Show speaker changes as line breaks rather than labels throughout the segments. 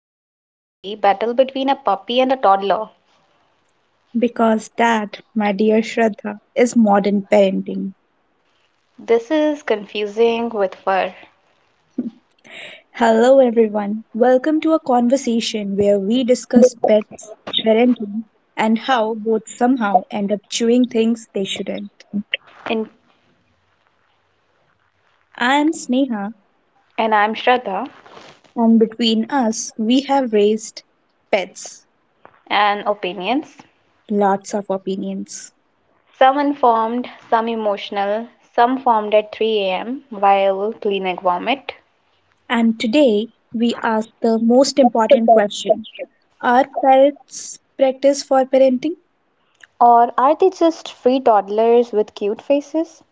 like a custody battle between a puppy and a toddler?
Because that, my dear Shraddha, is modern parenting.
This is confusing with fur.
Hello, everyone. Welcome to a conversation where we discuss pets, parenting, and how both somehow end up chewing things they shouldn't.
In,
I am Sneha,
and I'm Shraddha,
and between us, we have raised pets,
and opinions.
lots of opinions.
Some informed, some emotional, some formed at 3 a.m. while cleaning vomit.
And today, we ask the most important question. Are pets practice for parenting?
Or are they just free toddlers with cute faces?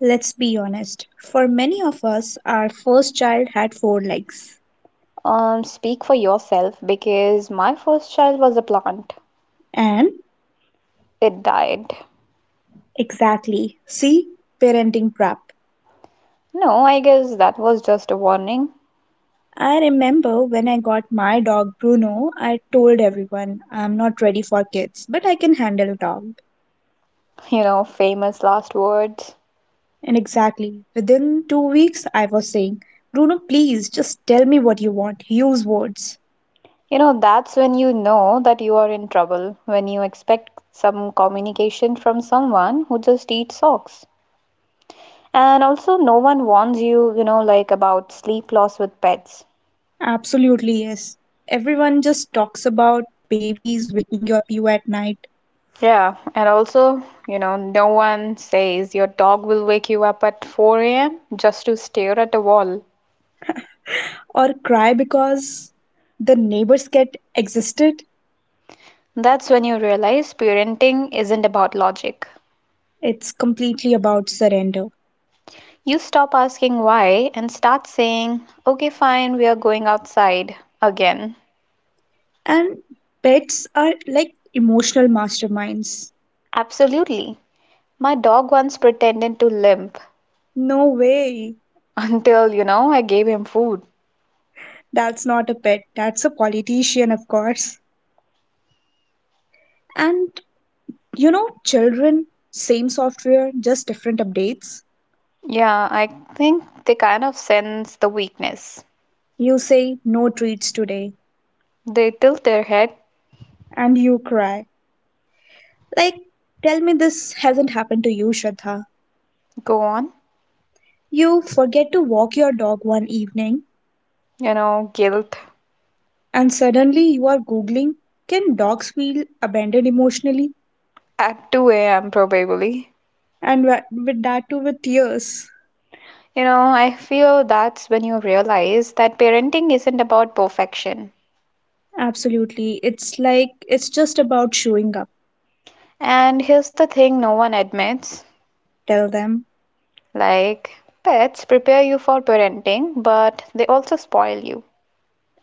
Let's be honest, for many of us, our first child had four legs.
Speak for yourself, because my first child was a plant.
And
It died.
exactly, see, parenting trap.
No, I guess that was just a warning.
I remember when I got my dog Bruno, I told everyone I'm not ready for kids, but I can handle a dog.
Famous last words.
And exactly, within 2 weeks, I was saying, Bruno, please just tell me what you want, use words.
That's when you know that you are in trouble, when you expect some communication from someone who just eats socks. And also, no one warns you, like about sleep loss with pets.
Absolutely, yes. Everyone just talks about babies waking you up you at night,
Yeah, and also, no one says your dog will wake you up at 4 a.m. just to stare at a wall.
or cry because the neighbors cat existed.
That's when you realize parenting isn't about logic.
It's completely about surrender.
You stop asking why and start saying, okay, fine, we are going outside again.
And pets are like emotional masterminds.
Absolutely. My dog once pretended to limp
No way.
until, I gave him food.
That's not a pet. That's a politician, of course. And children, same software, just different updates.
Yeah, I think they kind of sense the weakness.
You say no treats today,
They tilt their head,
and you cry. Like, tell me this hasn't happened to you, Shraddha.
go on,
You forget to walk your dog one evening,
guilt
and suddenly you are googling can dogs feel abandoned emotionally,
at 2 a.m. probably.
and with that too, with tears.
I feel that's when you realize that parenting isn't about perfection.
Absolutely, it's like it's just about showing up.
And here's the thing no one admits.
Tell them.
Like, pets prepare you for parenting, but they also spoil you.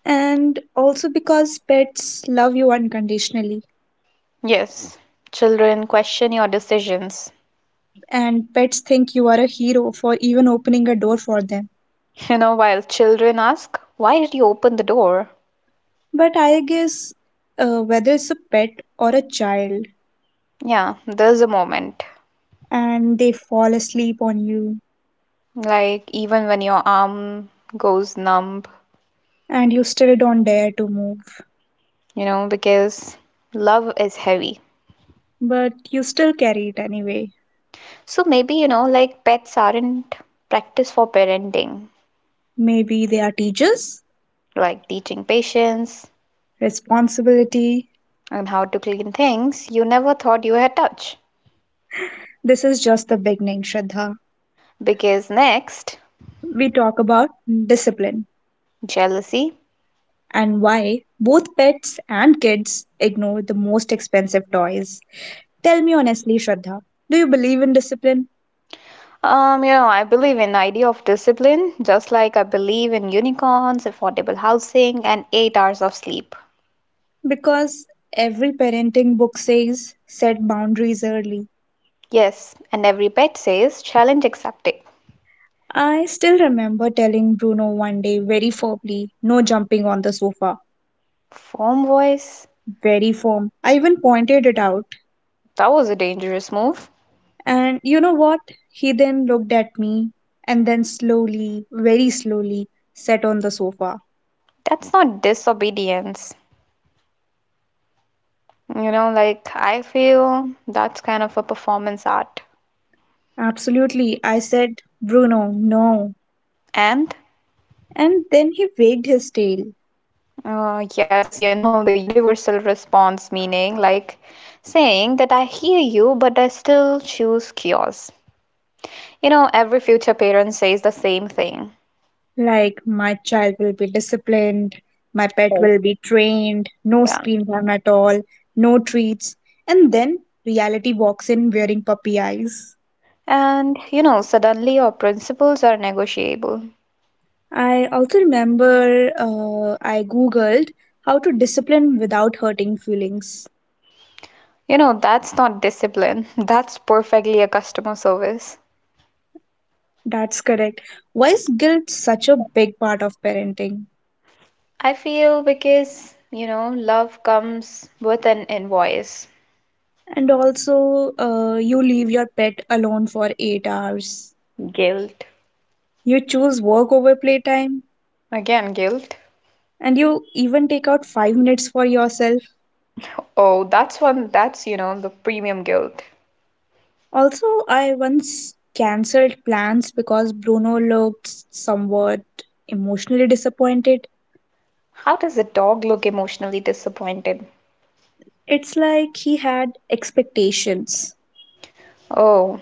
And also, because pets love you unconditionally,
Yes, children question your decisions.
and pets think you are a hero for even opening a door for them.
While children ask, why did you open the door?
But I guess, whether it's a pet or a child,
Yeah, there's a moment.
and they fall asleep on you,
Like, even when your arm goes numb,
and you still don't dare to move,
because love is heavy.
but you still carry it anyway.
So maybe, like pets aren't practice for parenting,
Maybe they are teachers?
like teaching patience
Responsibility.
and how to clean things you never thought you had touched.
This is just the beginning, Shraddha.
Because next,
We talk about discipline
jealousy?
and why both pets and kids ignore the most expensive toys. Tell me honestly, Shraddha, do you believe in discipline?
I believe in idea of discipline, just like I believe in unicorns, affordable housing, and 8 hours of sleep.
Because every parenting book says set boundaries early.
Yes, and every pet says challenge accepted.
I still remember telling Bruno one day very firmly, no jumping on the sofa,
Foam voice?
very firm. I even pointed it out.
That was a dangerous move.
And you know what? He then looked at me, and then slowly, very slowly, sat on the sofa.
That's not disobedience. Like, I feel that's kind of a performance art.
Absolutely, I said, Bruno, no.
And
And then he wagged his tail,
yes, the universal response meaning like saying that I hear you, but I still choose chaos. Every future parent says the same thing.
like, my child will be disciplined, my pet
Yes.
will be trained, no
Yeah.
screen time at all, no treats. And then reality walks in wearing puppy eyes.
And, suddenly your principles are negotiable.
I also remember, I googled how to discipline without hurting feelings.
That's not discipline. That's perfectly a customer service.
That's correct. Why is guilt such a big part of parenting?
I feel because, love comes with an invoice.
And also, you leave your pet alone for 8 hours.
Guilt.
You choose work over playtime,
Again, guilt.
and you even take out 5 minutes for yourself.
Oh, that's one, the premium guilt.
Also, I once cancelled plans because Bruno looked somewhat emotionally disappointed.
How does a dog look emotionally disappointed?
It's like he had expectations.
Oh,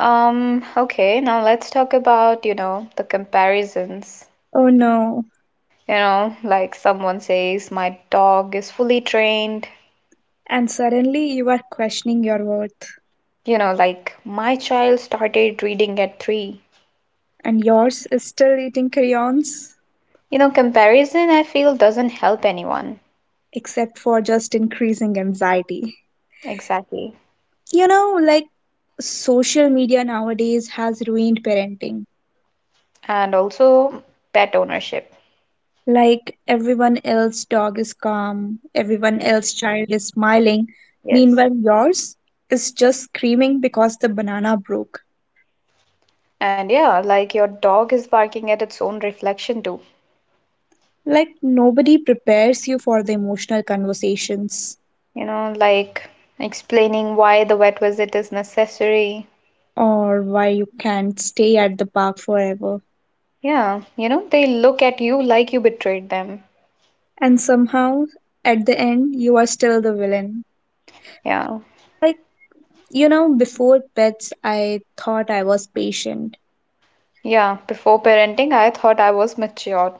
okay, now let's talk about, the comparisons.
Oh no.
Like someone says, my dog is fully trained.
And suddenly you are questioning your worth,
Like my child started reading at three.
and yours is still eating crayons.
Comparison, I feel, doesn't help anyone.
Except for just increasing anxiety.
Exactly.
You know, like, social media nowadays has ruined parenting.
And also pet ownership.
Like everyone else dog is calm, everyone else child is smiling,
Yes.
meanwhile yours is just screaming because the banana broke.
And yeah, like your dog is barking at its own reflection too.
Like nobody prepares you for the emotional conversations,
Like explaining why the vet visit is necessary.
or why you can't stay at the park forever.
Yeah, they look at you like you betrayed them.
And somehow at the end you are still the villain.
Yeah.
Like, you know, before pets, I thought I was patient,
Yeah, before parenting, I thought I was mature.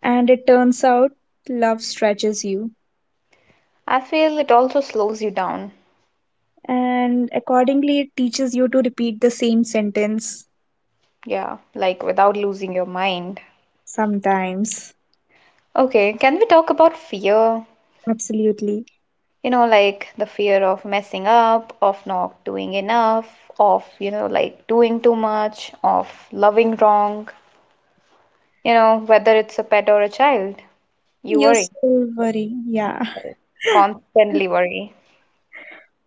and it turns out love stretches you,
I feel it also slows you down.
and accordingly, it teaches you to repeat the same sentence
Yeah, like without losing your mind.
sometimes.
Okay, can we talk about fear?
Absolutely.
Like the fear of messing up, of not doing enough, of, like doing too much, of loving wrong. Whether it's a pet or a child, you
You
worry,
still worry, yeah.
constantly worry.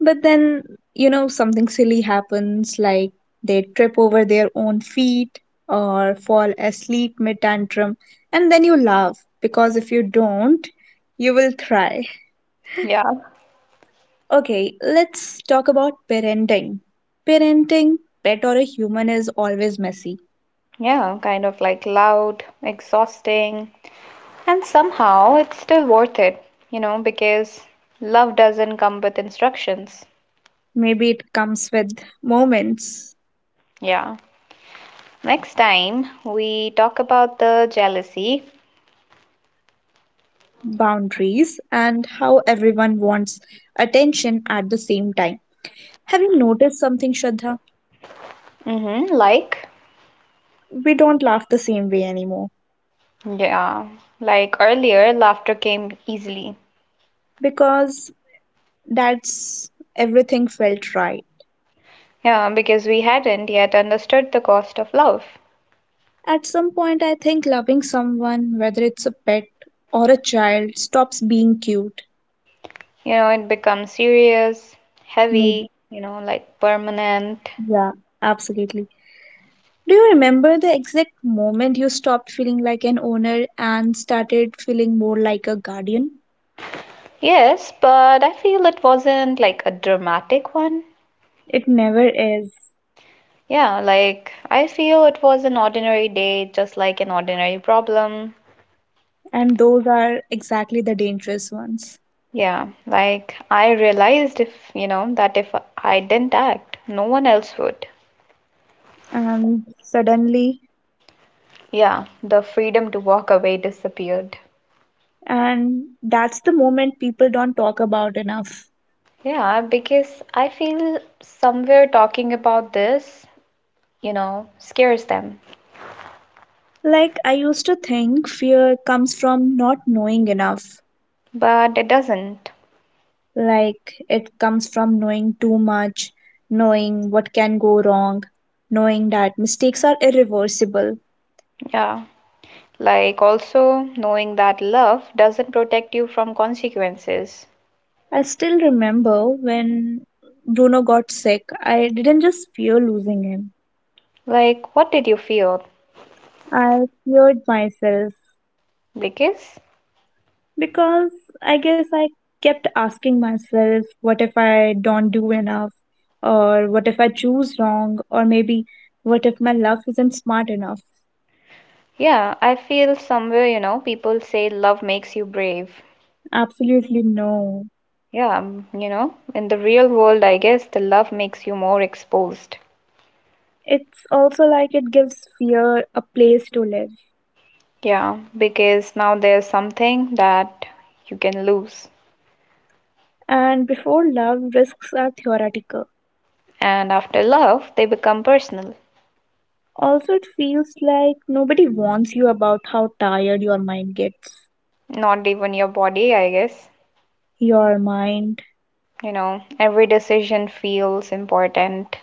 But then, something silly happens, like they trip over their own feet or fall asleep mid tantrum, and then you laugh because if you don't, you will cry.
Yeah.
Okay, let's talk about parenting. Parenting, pet or a human, is always messy.
Yeah, kind of like loud, exhausting. And somehow it's still worth it, because love doesn't come with instructions.
Maybe it comes with moments,
Yeah. Next time we talk about the jealousy.
boundaries, and how everyone wants attention at the same time. Have you noticed something, Shraddha?
Mm-hmm, like,
We don't laugh the same way anymore,
yeah, like earlier, laughter came easily.
because that's everything felt right.
Yeah, because we hadn't yet understood the cost of love.
At some point, I think loving someone, whether it's a pet or a child, stops being cute.
It becomes serious,
Maybe,
heavy, like permanent.
yeah, absolutely. Do you remember the exact moment you stopped feeling like an owner and started feeling more like a guardian?
Yes, but I feel it wasn't like a dramatic one.
It never is.
Yeah, like I feel it was an ordinary day, just like an ordinary problem.
And those are exactly the dangerous ones.
Yeah, like I realized if, that if I didn't act, no one else would.
And suddenly,
Yeah, the freedom to walk away disappeared.
and that's the moment people don't talk about enough.
Yeah, because I feel somewhere talking about this, scares them,
Like, I used to think fear comes from not knowing enough.
but it doesn't.
Like, it comes from knowing too much, knowing what can go wrong, knowing that mistakes are irreversible.
Yeah, like also knowing that love doesn't protect you from consequences.
I still remember when Bruno got sick, I didn't just fear losing him.
Like, what did you feel?
I feared myself,
Because
because I kept asking myself, what if I don't do enough? Or what if I choose wrong? Or maybe, what if my love isn't smart enough?
yeah, I feel somewhere, people say love makes you brave.
Absolutely no.
Yeah, in the real world, I guess the love makes you more exposed.
It's also like it gives fear a place to live.
Yeah, because now there's something that you can lose.
And before love, risks are theoretical.
And after love, they become personal.
Also, it feels like nobody warns you about how tired your mind gets.
Not even your body, I guess.
Your mind
Every decision feels important.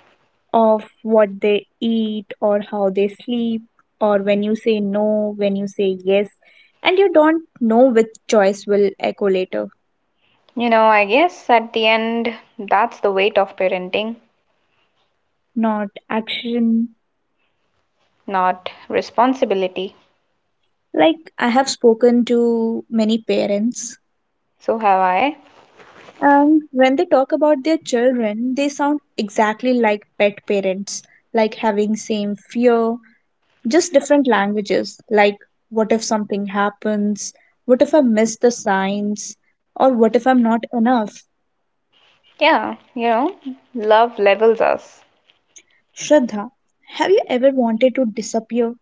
of what they eat or how they sleep, or when you say no, when you say yes, and you don't know which choice will echo later,
I guess at the end, that's the weight of parenting,
not action.
not responsibility.
Like, I have spoken to many parents,
So have I.
and when they talk about their children, they sound exactly like pet parents, like having same fear, just different languages, like what if something happens, what if I miss the signs, or what if I'm not enough.
Yeah, love levels us.
Shraddha, have you ever wanted to disappear,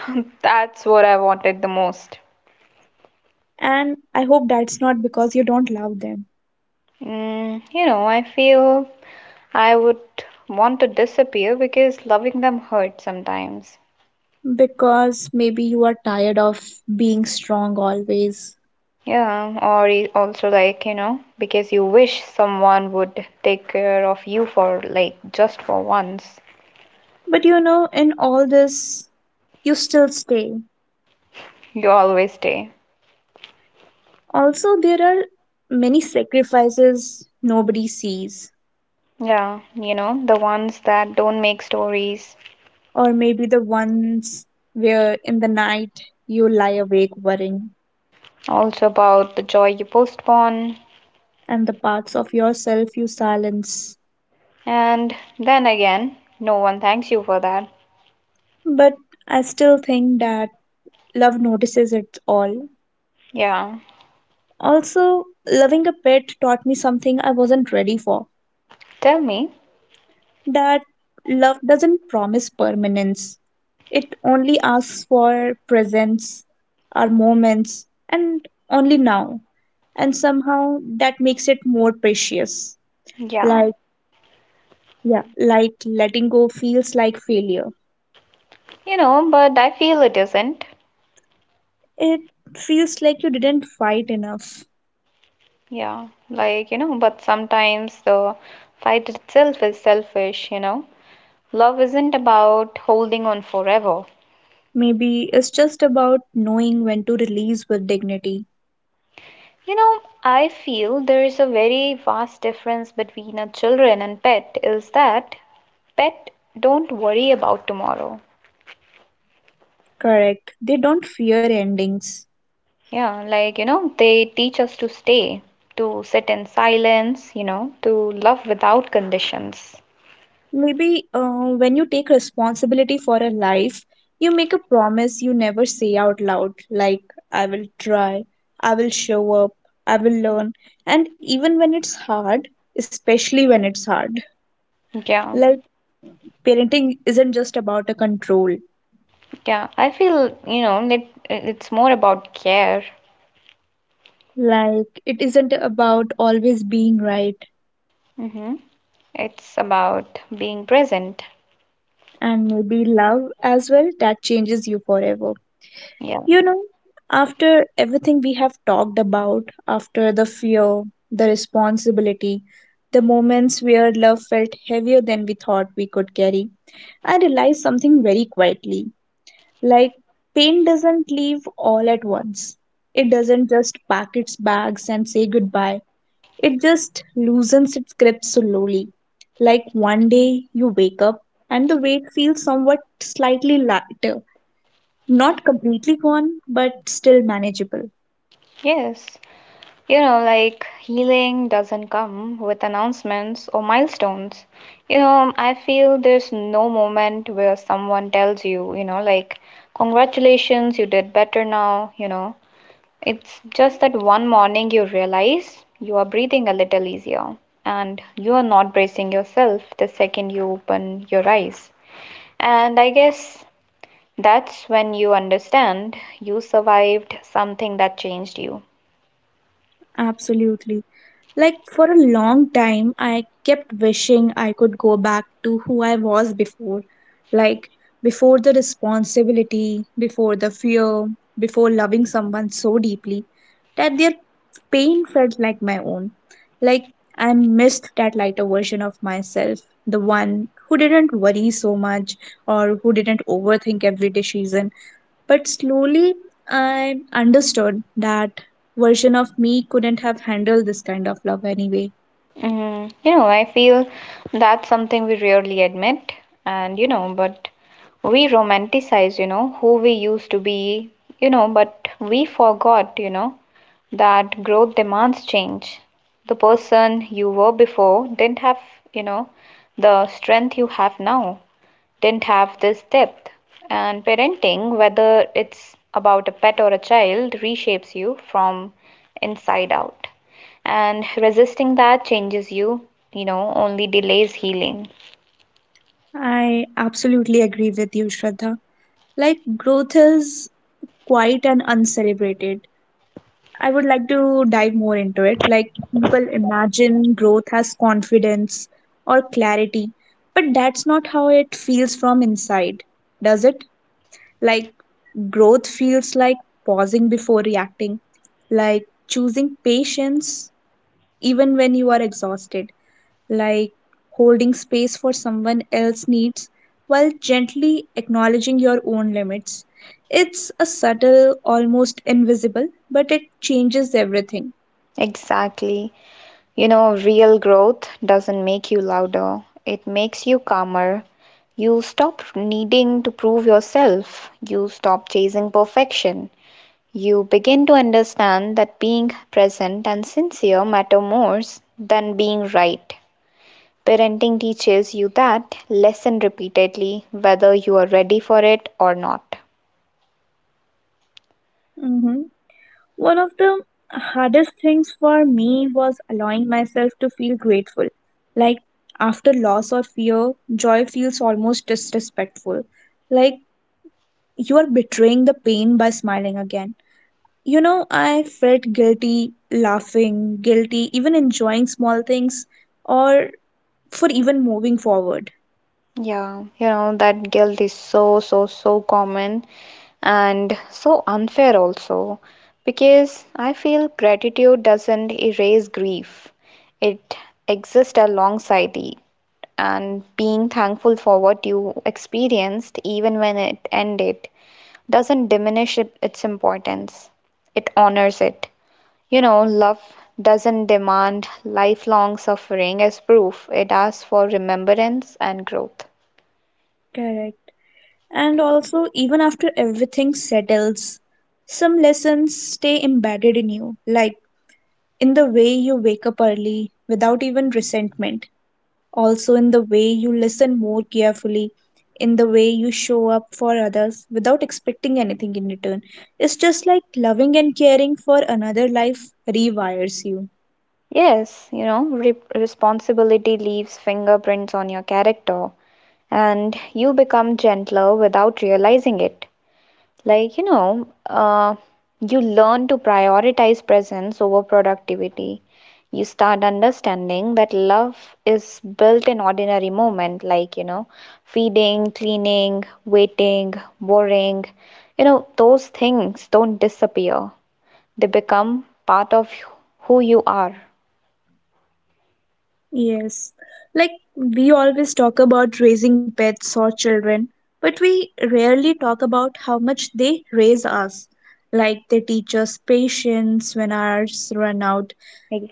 That's what I wanted the most.
and I hope that's not because you don't love them,
Mm, I feel I would want to disappear because loving them hurts sometimes.
because maybe you are tired of being strong always,
Yeah, or also like, because you wish someone would take care of you for like just for once.
but you know in all this you still stay.
You always stay.
Also, there are many sacrifices nobody sees,
Yeah, the ones that don't make stories,
or maybe the ones where in the night you lie awake worrying,
also about the joy you postpone,
and the parts of yourself you silence.
and then again, no one thanks you for that.
But I still think that love notices it all.
Yeah.
Also, loving a pet taught me something I wasn't ready for,
Tell me.
that love doesn't promise permanence, it only asks for presence, our moments, and only now. And somehow that makes it more precious.
Yeah.
Like, yeah, like letting go feels like failure.
But I feel it isn't.
It feels like you didn't fight enough.
Yeah. Like, but sometimes the fight itself is selfish. Love isn't about holding on forever.
Maybe it's just about knowing when to release with dignity.
I feel there is a very vast difference between a children and pet is that pet don't worry about tomorrow.
Correct. They don't fear endings.
Yeah, like, they teach us to stay, to sit in silence, to love without conditions.
Maybe, when you take responsibility for a life, you make a promise you never say out loud, like, I will try, I will show up, I will learn. And even when it's hard, especially when it's hard,
Yeah,
like parenting isn't just about a control.
yeah. I feel, it's more about care.
Like, it isn't about always being right,
Mm-hmm. It's about being present.
and maybe love as well that changes you forever.
Yeah.
You know, after everything we have talked about, after the fear, the responsibility, the moments where love felt heavier than we thought we could carry, I realized something very quietly. Like, pain doesn't leave all at once, it doesn't just pack its bags and say goodbye. It just loosens its grip so slowly. Like one day you wake up and the weight feels somewhat slightly lighter, not completely gone, but still manageable.
Yes. Like healing doesn't come with announcements or milestones. I feel there's no moment where someone tells you, like, congratulations, you did better now. It's just that one morning you realize you are breathing a little easier and you are not bracing yourself the second you open your eyes. And I guess that's when you understand you survived something that changed you.
Absolutely. Like for a long time, I kept wishing I could go back to who I was before. Like before the responsibility, before the fear, before loving someone so deeply that their pain felt like my own. Like I missed that lighter version of myself, the one who didn't worry so much or who didn't overthink every decision, but slowly I understood that version of me couldn't have handled this kind of love anyway.
Mm, I feel that's something we rarely admit, and but we romanticize, who we used to be, but we forgot, that growth demands change. The person you were before didn't have, you know, the strength you have now didn't have this depth. And parenting, whether it's about a pet or a child, reshapes you from inside out. And resisting that changes you, only delays healing.
I absolutely agree with you, Shraddha. Like, growth is quiet and uncelebrated. I would like to dive more into it. Like, people imagine growth as confidence or clarity, but that's not how it feels from inside, does it? Like, growth feels like pausing before reacting, like choosing patience even when you are exhausted, like holding space for someone else's needs while gently acknowledging your own limits. It's a subtle, almost invisible, but it changes everything.
Exactly. Real growth doesn't make you louder, it makes you calmer. You stop needing to prove yourself, you stop chasing perfection. You begin to understand that being present and sincere matter more than being right. Parenting teaches you that lesson repeatedly, whether you are ready for it or not.
Mhm. One of the hardest things for me was allowing myself to feel grateful. Like after loss or fear, joy feels almost disrespectful. Like you are betraying the pain by smiling again. You know, I felt guilty laughing, guilty even enjoying small things, or for even moving forward.
Yeah, that guilt is so, so, so common, and so unfair also because I feel gratitude doesn't erase grief, it exists alongside it. And being thankful for what you experienced, even when it ended, doesn't its importance, it honors it. Love doesn't demand lifelong suffering as proof, it asks for remembrance and growth.
Correct. And also, even after everything settles, some lessons stay embedded in you. Like in the way you wake up early without even resentment, also in the way you listen more carefully, in the way you show up for others without expecting anything in return. It's just like loving and caring for another life rewires you.
Yes, responsibility leaves fingerprints on your character and you become gentler without realizing it. Like, you learn to prioritize presence over productivity. You start understanding that love is built in ordinary moment, like, feeding, cleaning, waiting, worrying. Those things don't disappear. They become part of who you are.
Yes. Like we always talk about raising pets or children, but we rarely talk about how much they raise us. Like they teach us patience when ours run out.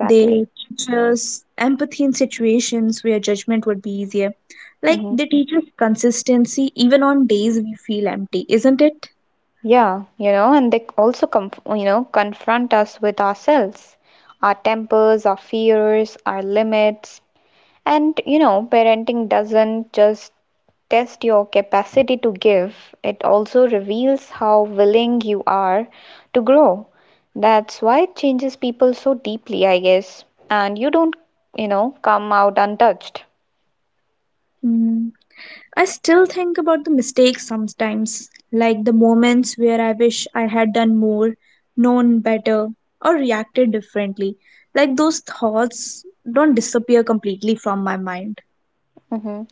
They teach us empathy in situations where judgment would be easier. Like
Mhm.
they teach us consistency even on days we feel empty, isn't it?
Yeah, and they also conf confront us with ourselves, our tempers, our fears, our limits. And, parenting doesn't just test your capacity to give, it also reveals how willing you are to grow. That's why it changes people so deeply, I guess. And you don't, come out untouched.
Mm. I still think about the mistakes sometimes, like the moments where I wish I had done more, known better, or reacted differently. Like those thoughts don't disappear completely from my mind.
Mm-hmm.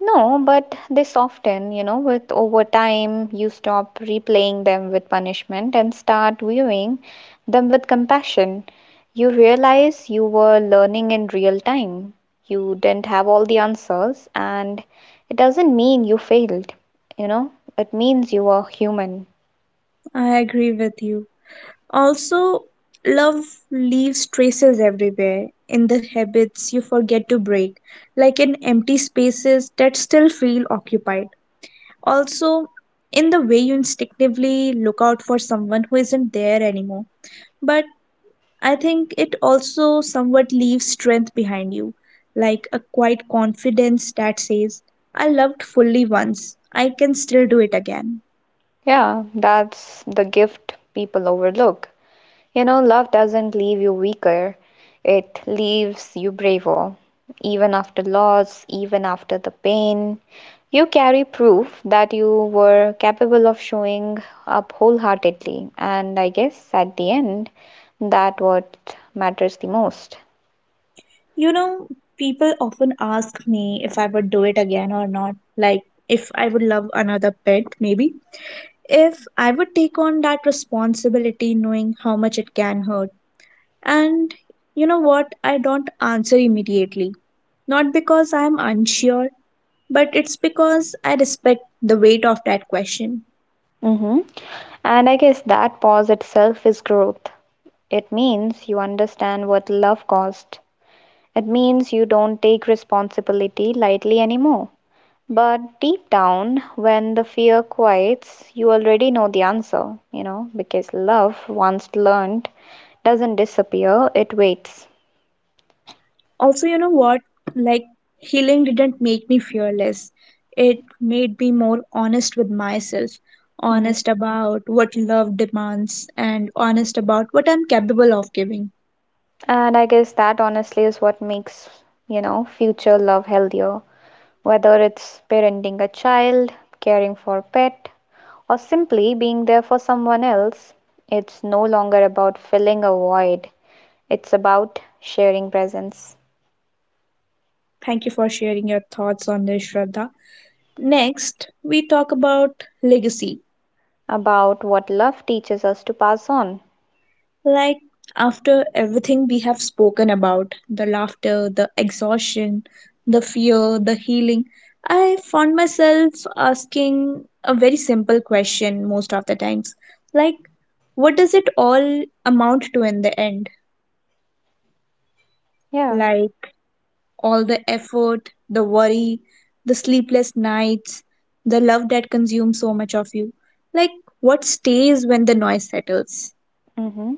No, but they soften, with over time, you stop replaying them with punishment and start viewing them with compassion. You realize you were learning in real time. You didn't have all the answers, and it doesn't mean you failed, you know, it means you are human.
I agree with you. Also, love leaves traces everywhere in the habits you forget to break, like in empty spaces that still feel occupied. Also, in the way you instinctively look out for someone who isn't there anymore. But I think it also somewhat leaves strength behind you, like a quiet confidence that says, I loved fully once, I can still do it again.
Yeah, that's the gift people overlook. Love doesn't leave you weaker, it leaves you braver. Even after loss, even after the pain, you carry proof that you were capable of showing up wholeheartedly. And I guess at the end, that what matters the most.
You know, people often ask me if I would do it again or not. Like, if I would love another pet, maybe. If I would take on that responsibility, knowing how much it can hurt. And you know what? I don't answer immediately. Not because I'm unsure, but it's because I respect the weight of that question.
Hmm. And I guess that pause itself is growth. It means you understand what love cost. It means you don't take responsibility lightly anymore. But deep down, when the fear quiets, you already know the answer, because love, once learned, doesn't disappear, it waits.
Also, you know what, like, healing didn't make me fearless, it made me more honest with myself,
Mhm.
honest about what love demands and honest about what I'm capable of giving.
And I guess that honestly is what makes, future love healthier. Whether it's parenting a child, caring for a pet, or simply being there for someone else, it's no longer about filling a void. It's about sharing presence,
Thank you for sharing your thoughts on this, Shraddha. Next we talk about legacy.
about what love teaches us to pass on.
Like, after everything we have spoken about the laughter, the exhaustion, the fear, the healing, I found myself asking a very simple question most of the times. Like, what does it all amount to in the end?
Yeah.
Like, all the effort, the worry, the sleepless nights, the love that consumes so much of you. Like, what stays when the noise settles?
Hmm.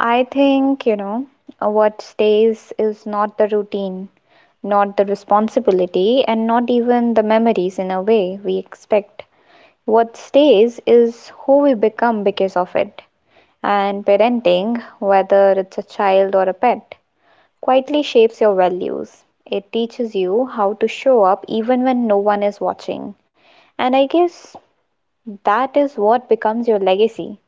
I think, you know, what stays is not the routine, not the responsibility, and not even the memories in a way we expect. What stays is who we become because of it. And parenting, whether it's a child or a pet, quietly shapes your values. It teaches you how to show up even when no one is watching. And I guess that is what becomes your legacy.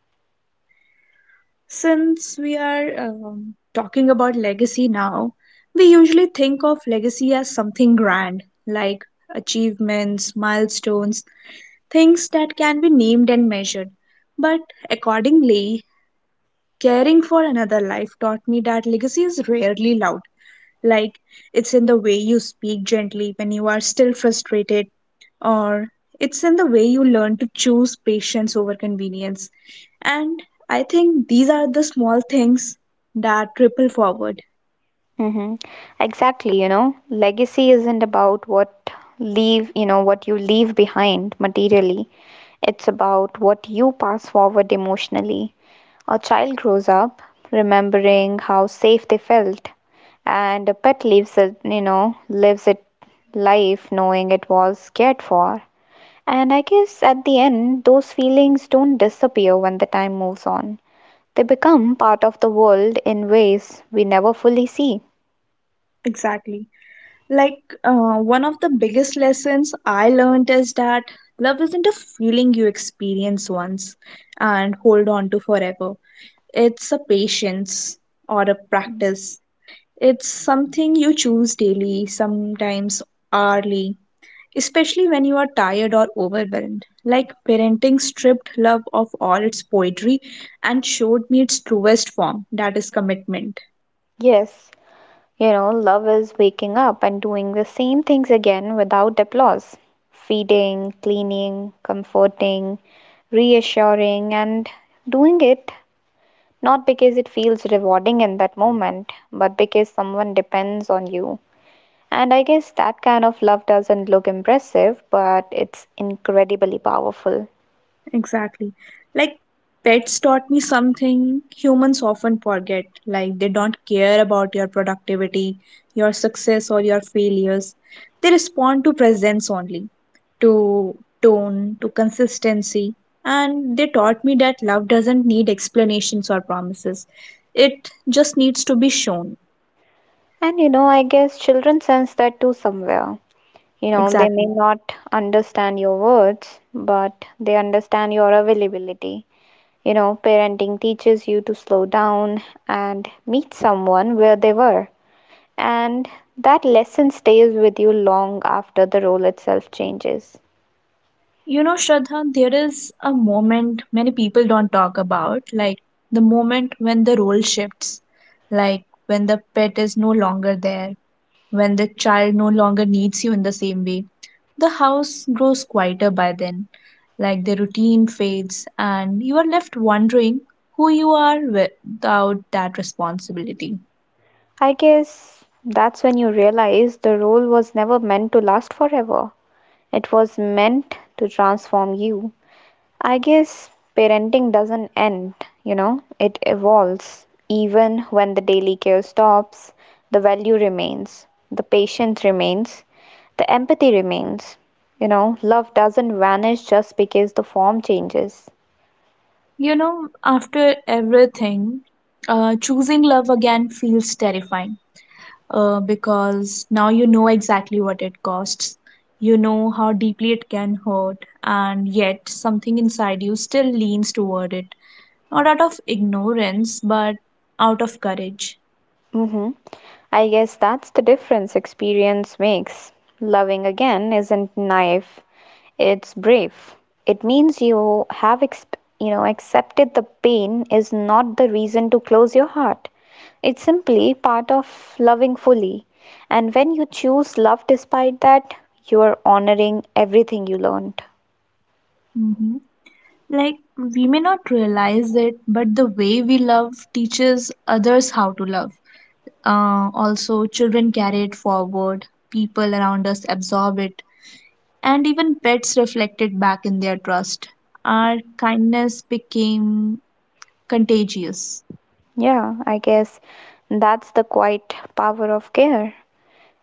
Since we are talking about legacy now, we usually think of legacy as something grand, like achievements, milestones, things that can be named and measured. But accordingly, caring for another life taught me that legacy is rarely loud. Like, it's in the way you speak gently when you are still frustrated, or it's in the way you learn to choose patience over convenience. And I think these are the small things that ripple forward.
Hmm. Exactly, you know, legacy isn't about what leave, you know, what you leave behind materially. It's about what you pass forward emotionally. A child grows up remembering how safe they felt, and a pet lives it, you know, lives it life knowing it was cared for. And I guess at the end, those feelings don't disappear when the time moves on. They become part of the world in ways we never fully see.
Exactly. Like, one of the biggest lessons I learned is that love isn't a feeling you experience once and hold on to forever. It's a patience or a practice. It's something you choose daily, sometimes hourly, especially when you are tired or overwhelmed. Like, parenting stripped love of all its poetry and showed me its truest form, that is, commitment.
Yes, you know, love is waking up and doing the same things again without applause, feeding, cleaning, comforting, reassuring, and doing it not because it feels rewarding in that moment, but because someone depends on you. And I guess that kind of love doesn't look impressive, but it's incredibly powerful.
Exactly. Like, pets taught me something humans often forget, like they don't care about your productivity, your success, or your failures. They respond to presence only. To tone, to consistency. And they taught me that love doesn't need explanations or promises, it just needs to be shown.
And you know, I guess children sense that too somewhere. You know, they may
Exactly.
not understand your words, but they understand your availability. You know, parenting teaches you to slow down and meet someone where they were. And that lesson stays with you long after the role itself changes.
You know, Shraddha, there is a moment many people don't talk about, like the moment when the role shifts, like when the pet is no longer there. When the child no longer needs you in the same way, the house grows quieter by then, like the routine fades, and you are left wondering who you are without that responsibility.
I guess that's when you realize the role was never meant to last forever. It was meant to transform you. I guess parenting doesn't end, you know, it evolves. Even when the daily care stops, the value remains, the patience remains, the empathy remains. You know, love doesn't vanish just because the form changes.
You know, after everything, choosing love again feels terrifying, because now you know exactly what it costs. You know how deeply it can hurt, and yet something inside you still leans toward it, not out of ignorance but out of courage.
Hmm. I guess that's the difference experience makes. Loving again isn't naive, it's brave. It means you have you know, accepted the pain is not the reason to close your heart. It's simply part of loving fully. And when you choose love despite that, you are honoring everything you learned.
Hmm. Like, we may not realize it, but the way we love teaches others how to love. Also children carry it forward, people around us absorb it, and even pets reflect it back in their trust. Our kindness became contagious.
Yeah, I guess that's the quiet power of care.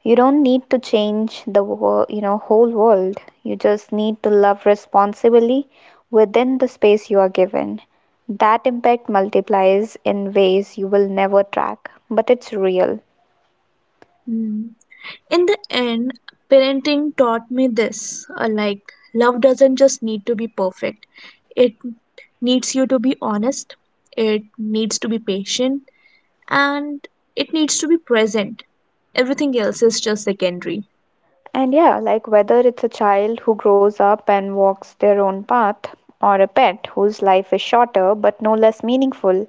You don't need to change the you know, whole world. You just need to love responsibly within the space you are given. That impact multiplies in ways you will never track, but it's real.
In the end, parenting taught me this, like, love doesn't just need to be perfect, it needs you to be honest, it needs to be patient, and it needs to be present. Everything else is just secondary.
And yeah, like, whether it's a child who grows up and walks their own path, or a pet whose life is shorter but no less meaningful,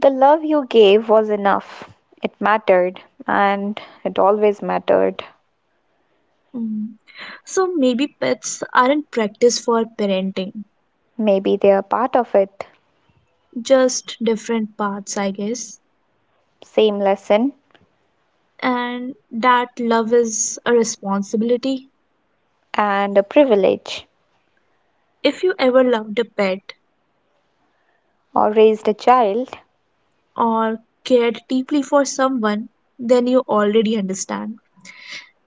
the love you gave was enough. It mattered, and it always mattered.
Mm. So maybe pets aren't practice for parenting,
Maybe they are part of it.
just different paths, I guess.
Same lesson.
And that love is a responsibility.
And a privilege,
If you ever loved a pet,
or raised a child.
or cared deeply for someone, then you already understand.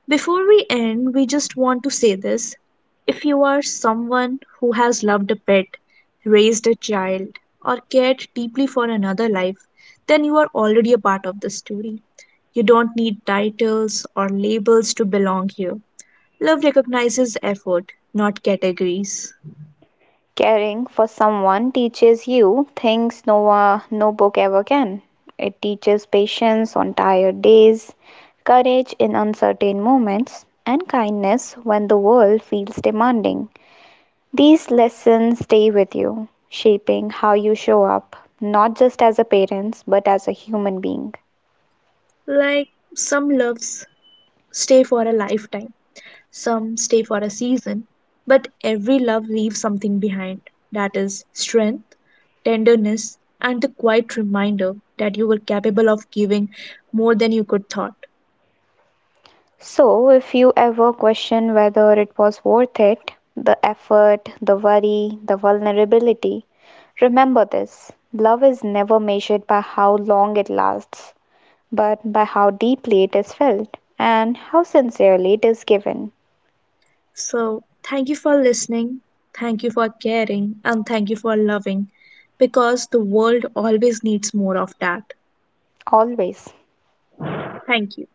Before we end, we just want to say this. If you are someone who has loved a pet, raised a child, or cared deeply for another life, then you are already a part of the story. You don't need titles or labels to belong here. Love recognizes effort, not categories.
Caring for someone teaches you things no, no book ever can. It teaches patience on tired days, courage in uncertain moments, and kindness when the world feels demanding. These lessons stay with you, shaping how you show up, not just as a parent, but as a human being.
Like, some loves stay for a lifetime. Some stay for a season, but every love leaves something behind, that is, strength, tenderness, and the quiet reminder that you were capable of giving more than you could thought.
So, if you ever question whether it was worth it, the effort, the worry, the vulnerability, remember this: love is never measured by how long it lasts, but by how deeply it is felt and how sincerely it is given,
So, thank you for listening, thank you for caring, and thank you for loving because the world always needs more of that.
always.
Thank you.